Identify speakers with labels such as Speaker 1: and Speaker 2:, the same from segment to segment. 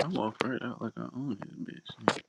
Speaker 1: I'm off right out like I own this bitch.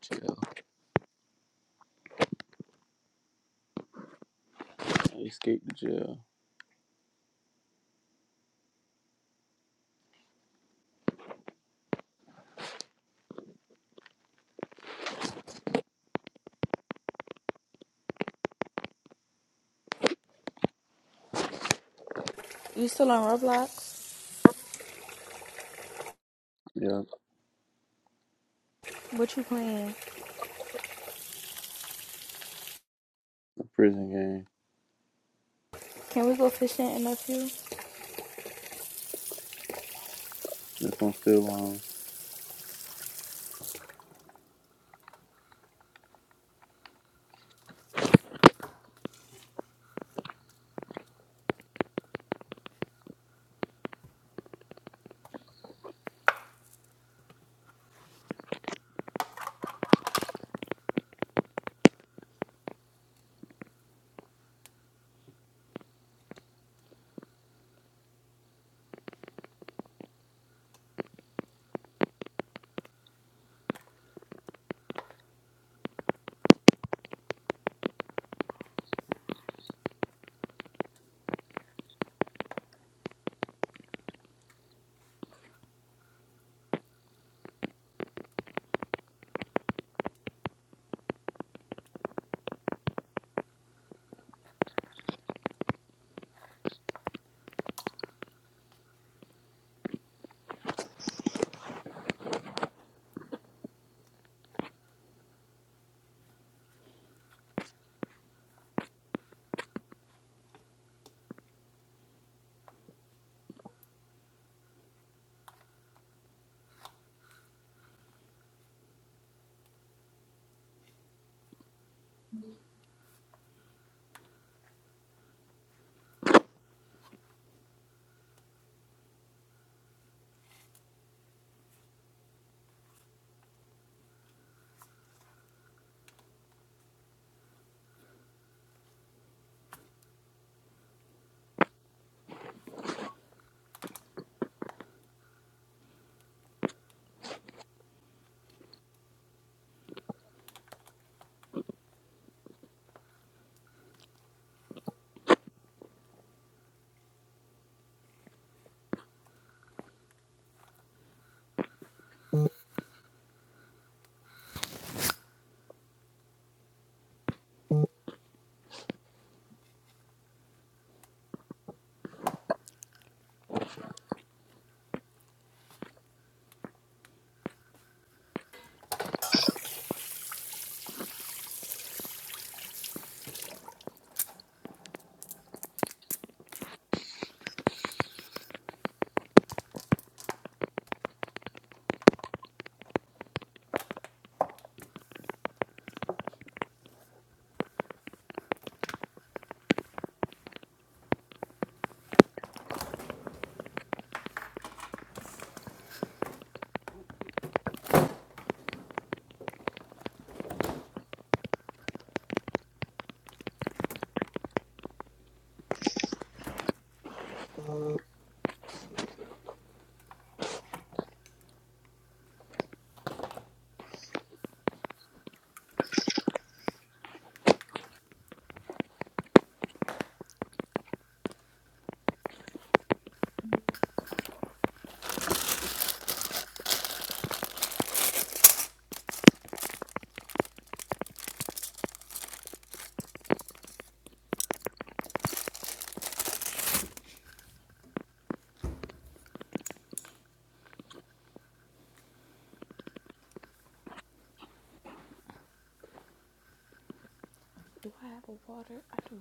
Speaker 1: Jail. I escaped the jail.
Speaker 2: You still on Roblox?
Speaker 1: Yeah,
Speaker 2: What you playing?
Speaker 1: the prison game.
Speaker 2: Can we go fishing in a few?
Speaker 1: If I'm still on.
Speaker 2: Do I have a water? I do.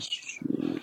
Speaker 1: Shoot.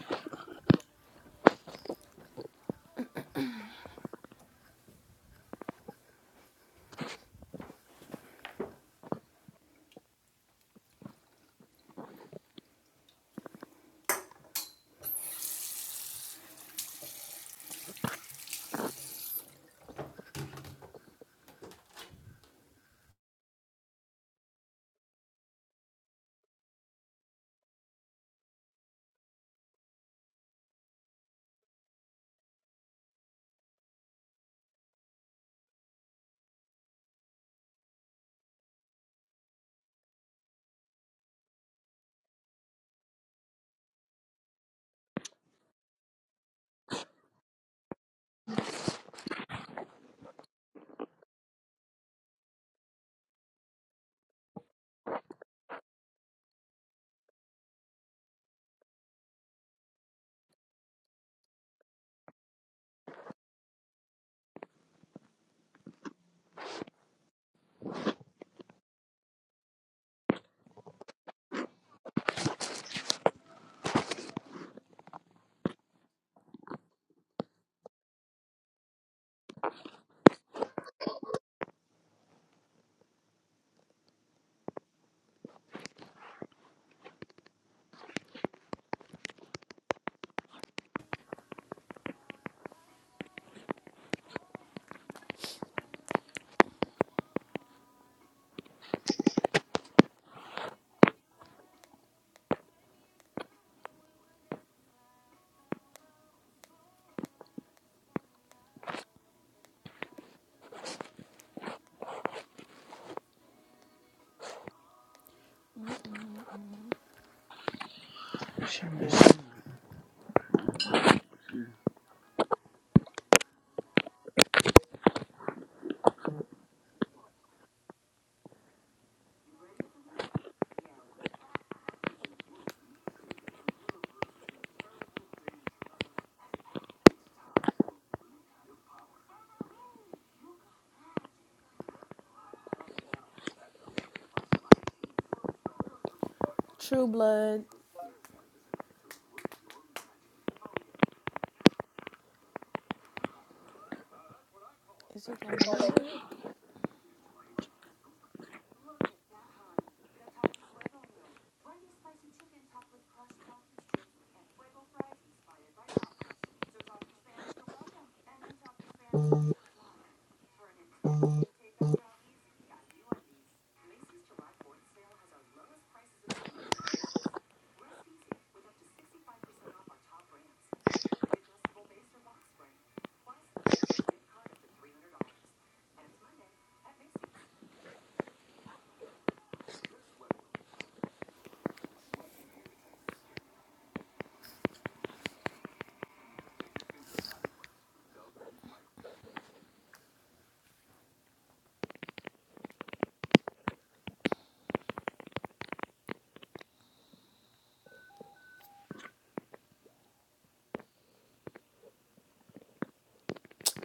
Speaker 2: True Blood. Is it gonna work?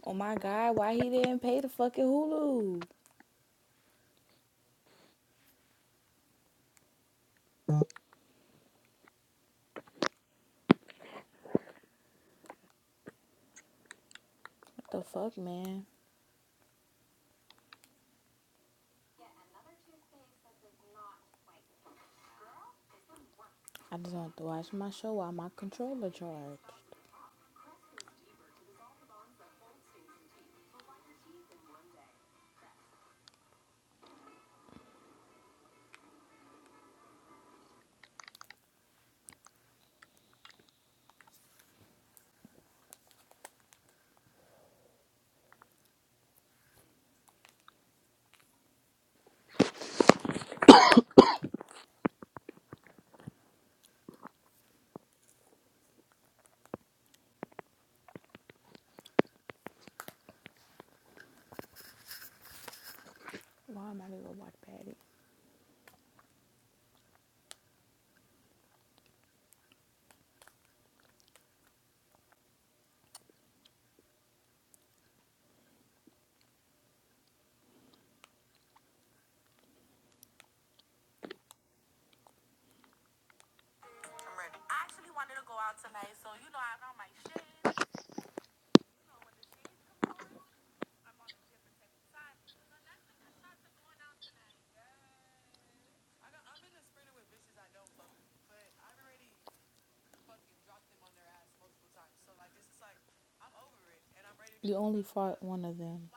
Speaker 2: Oh my god, why he didn't pay the fucking Hulu? What the fuck, man? I just want to watch my show while my controller charged. Why am I gonna go watch Patty? I'm over it, and I'm ready to You only fought one of them.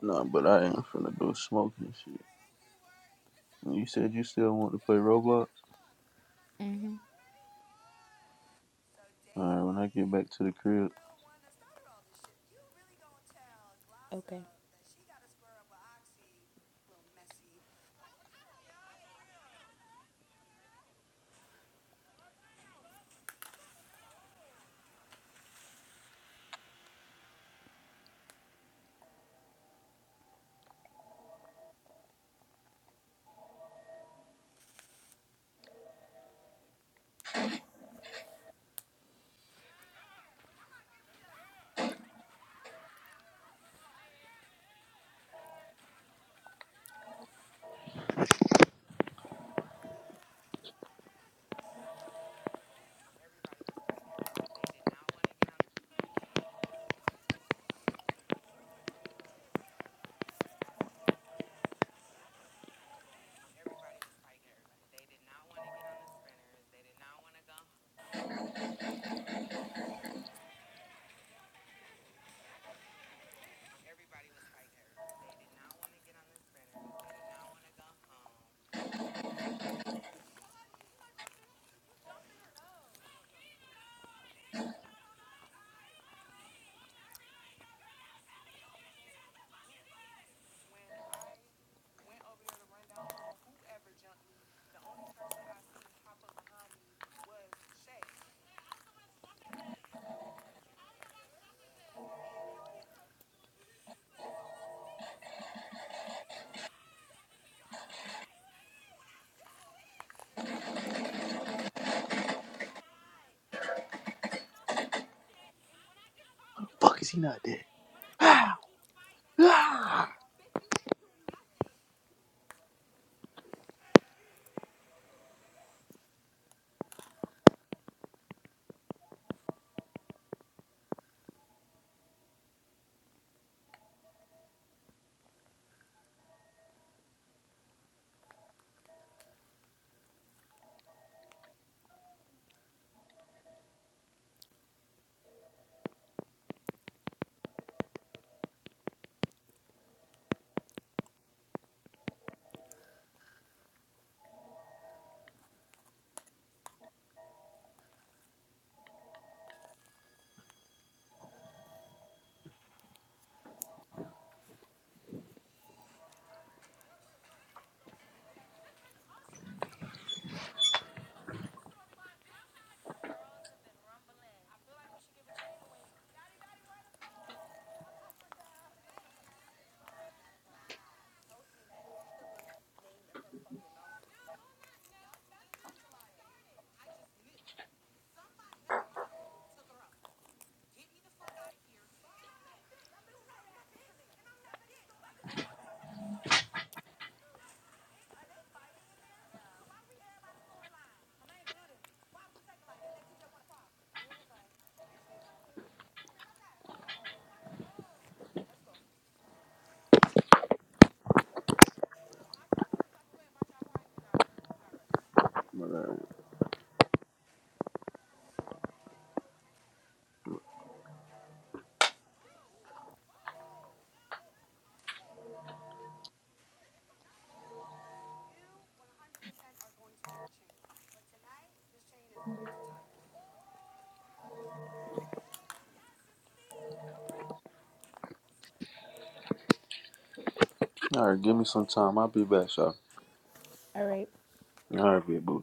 Speaker 1: Nah, but I ain't finna go smoking shit. And You said you still want to play Roblox?
Speaker 2: hmm
Speaker 1: Alright, when I get back to the crib.
Speaker 2: Okay.
Speaker 1: Fuck is he not dead? Alright, give me some time. I'll be back, y'all.
Speaker 2: All right.
Speaker 1: Alright, big boo.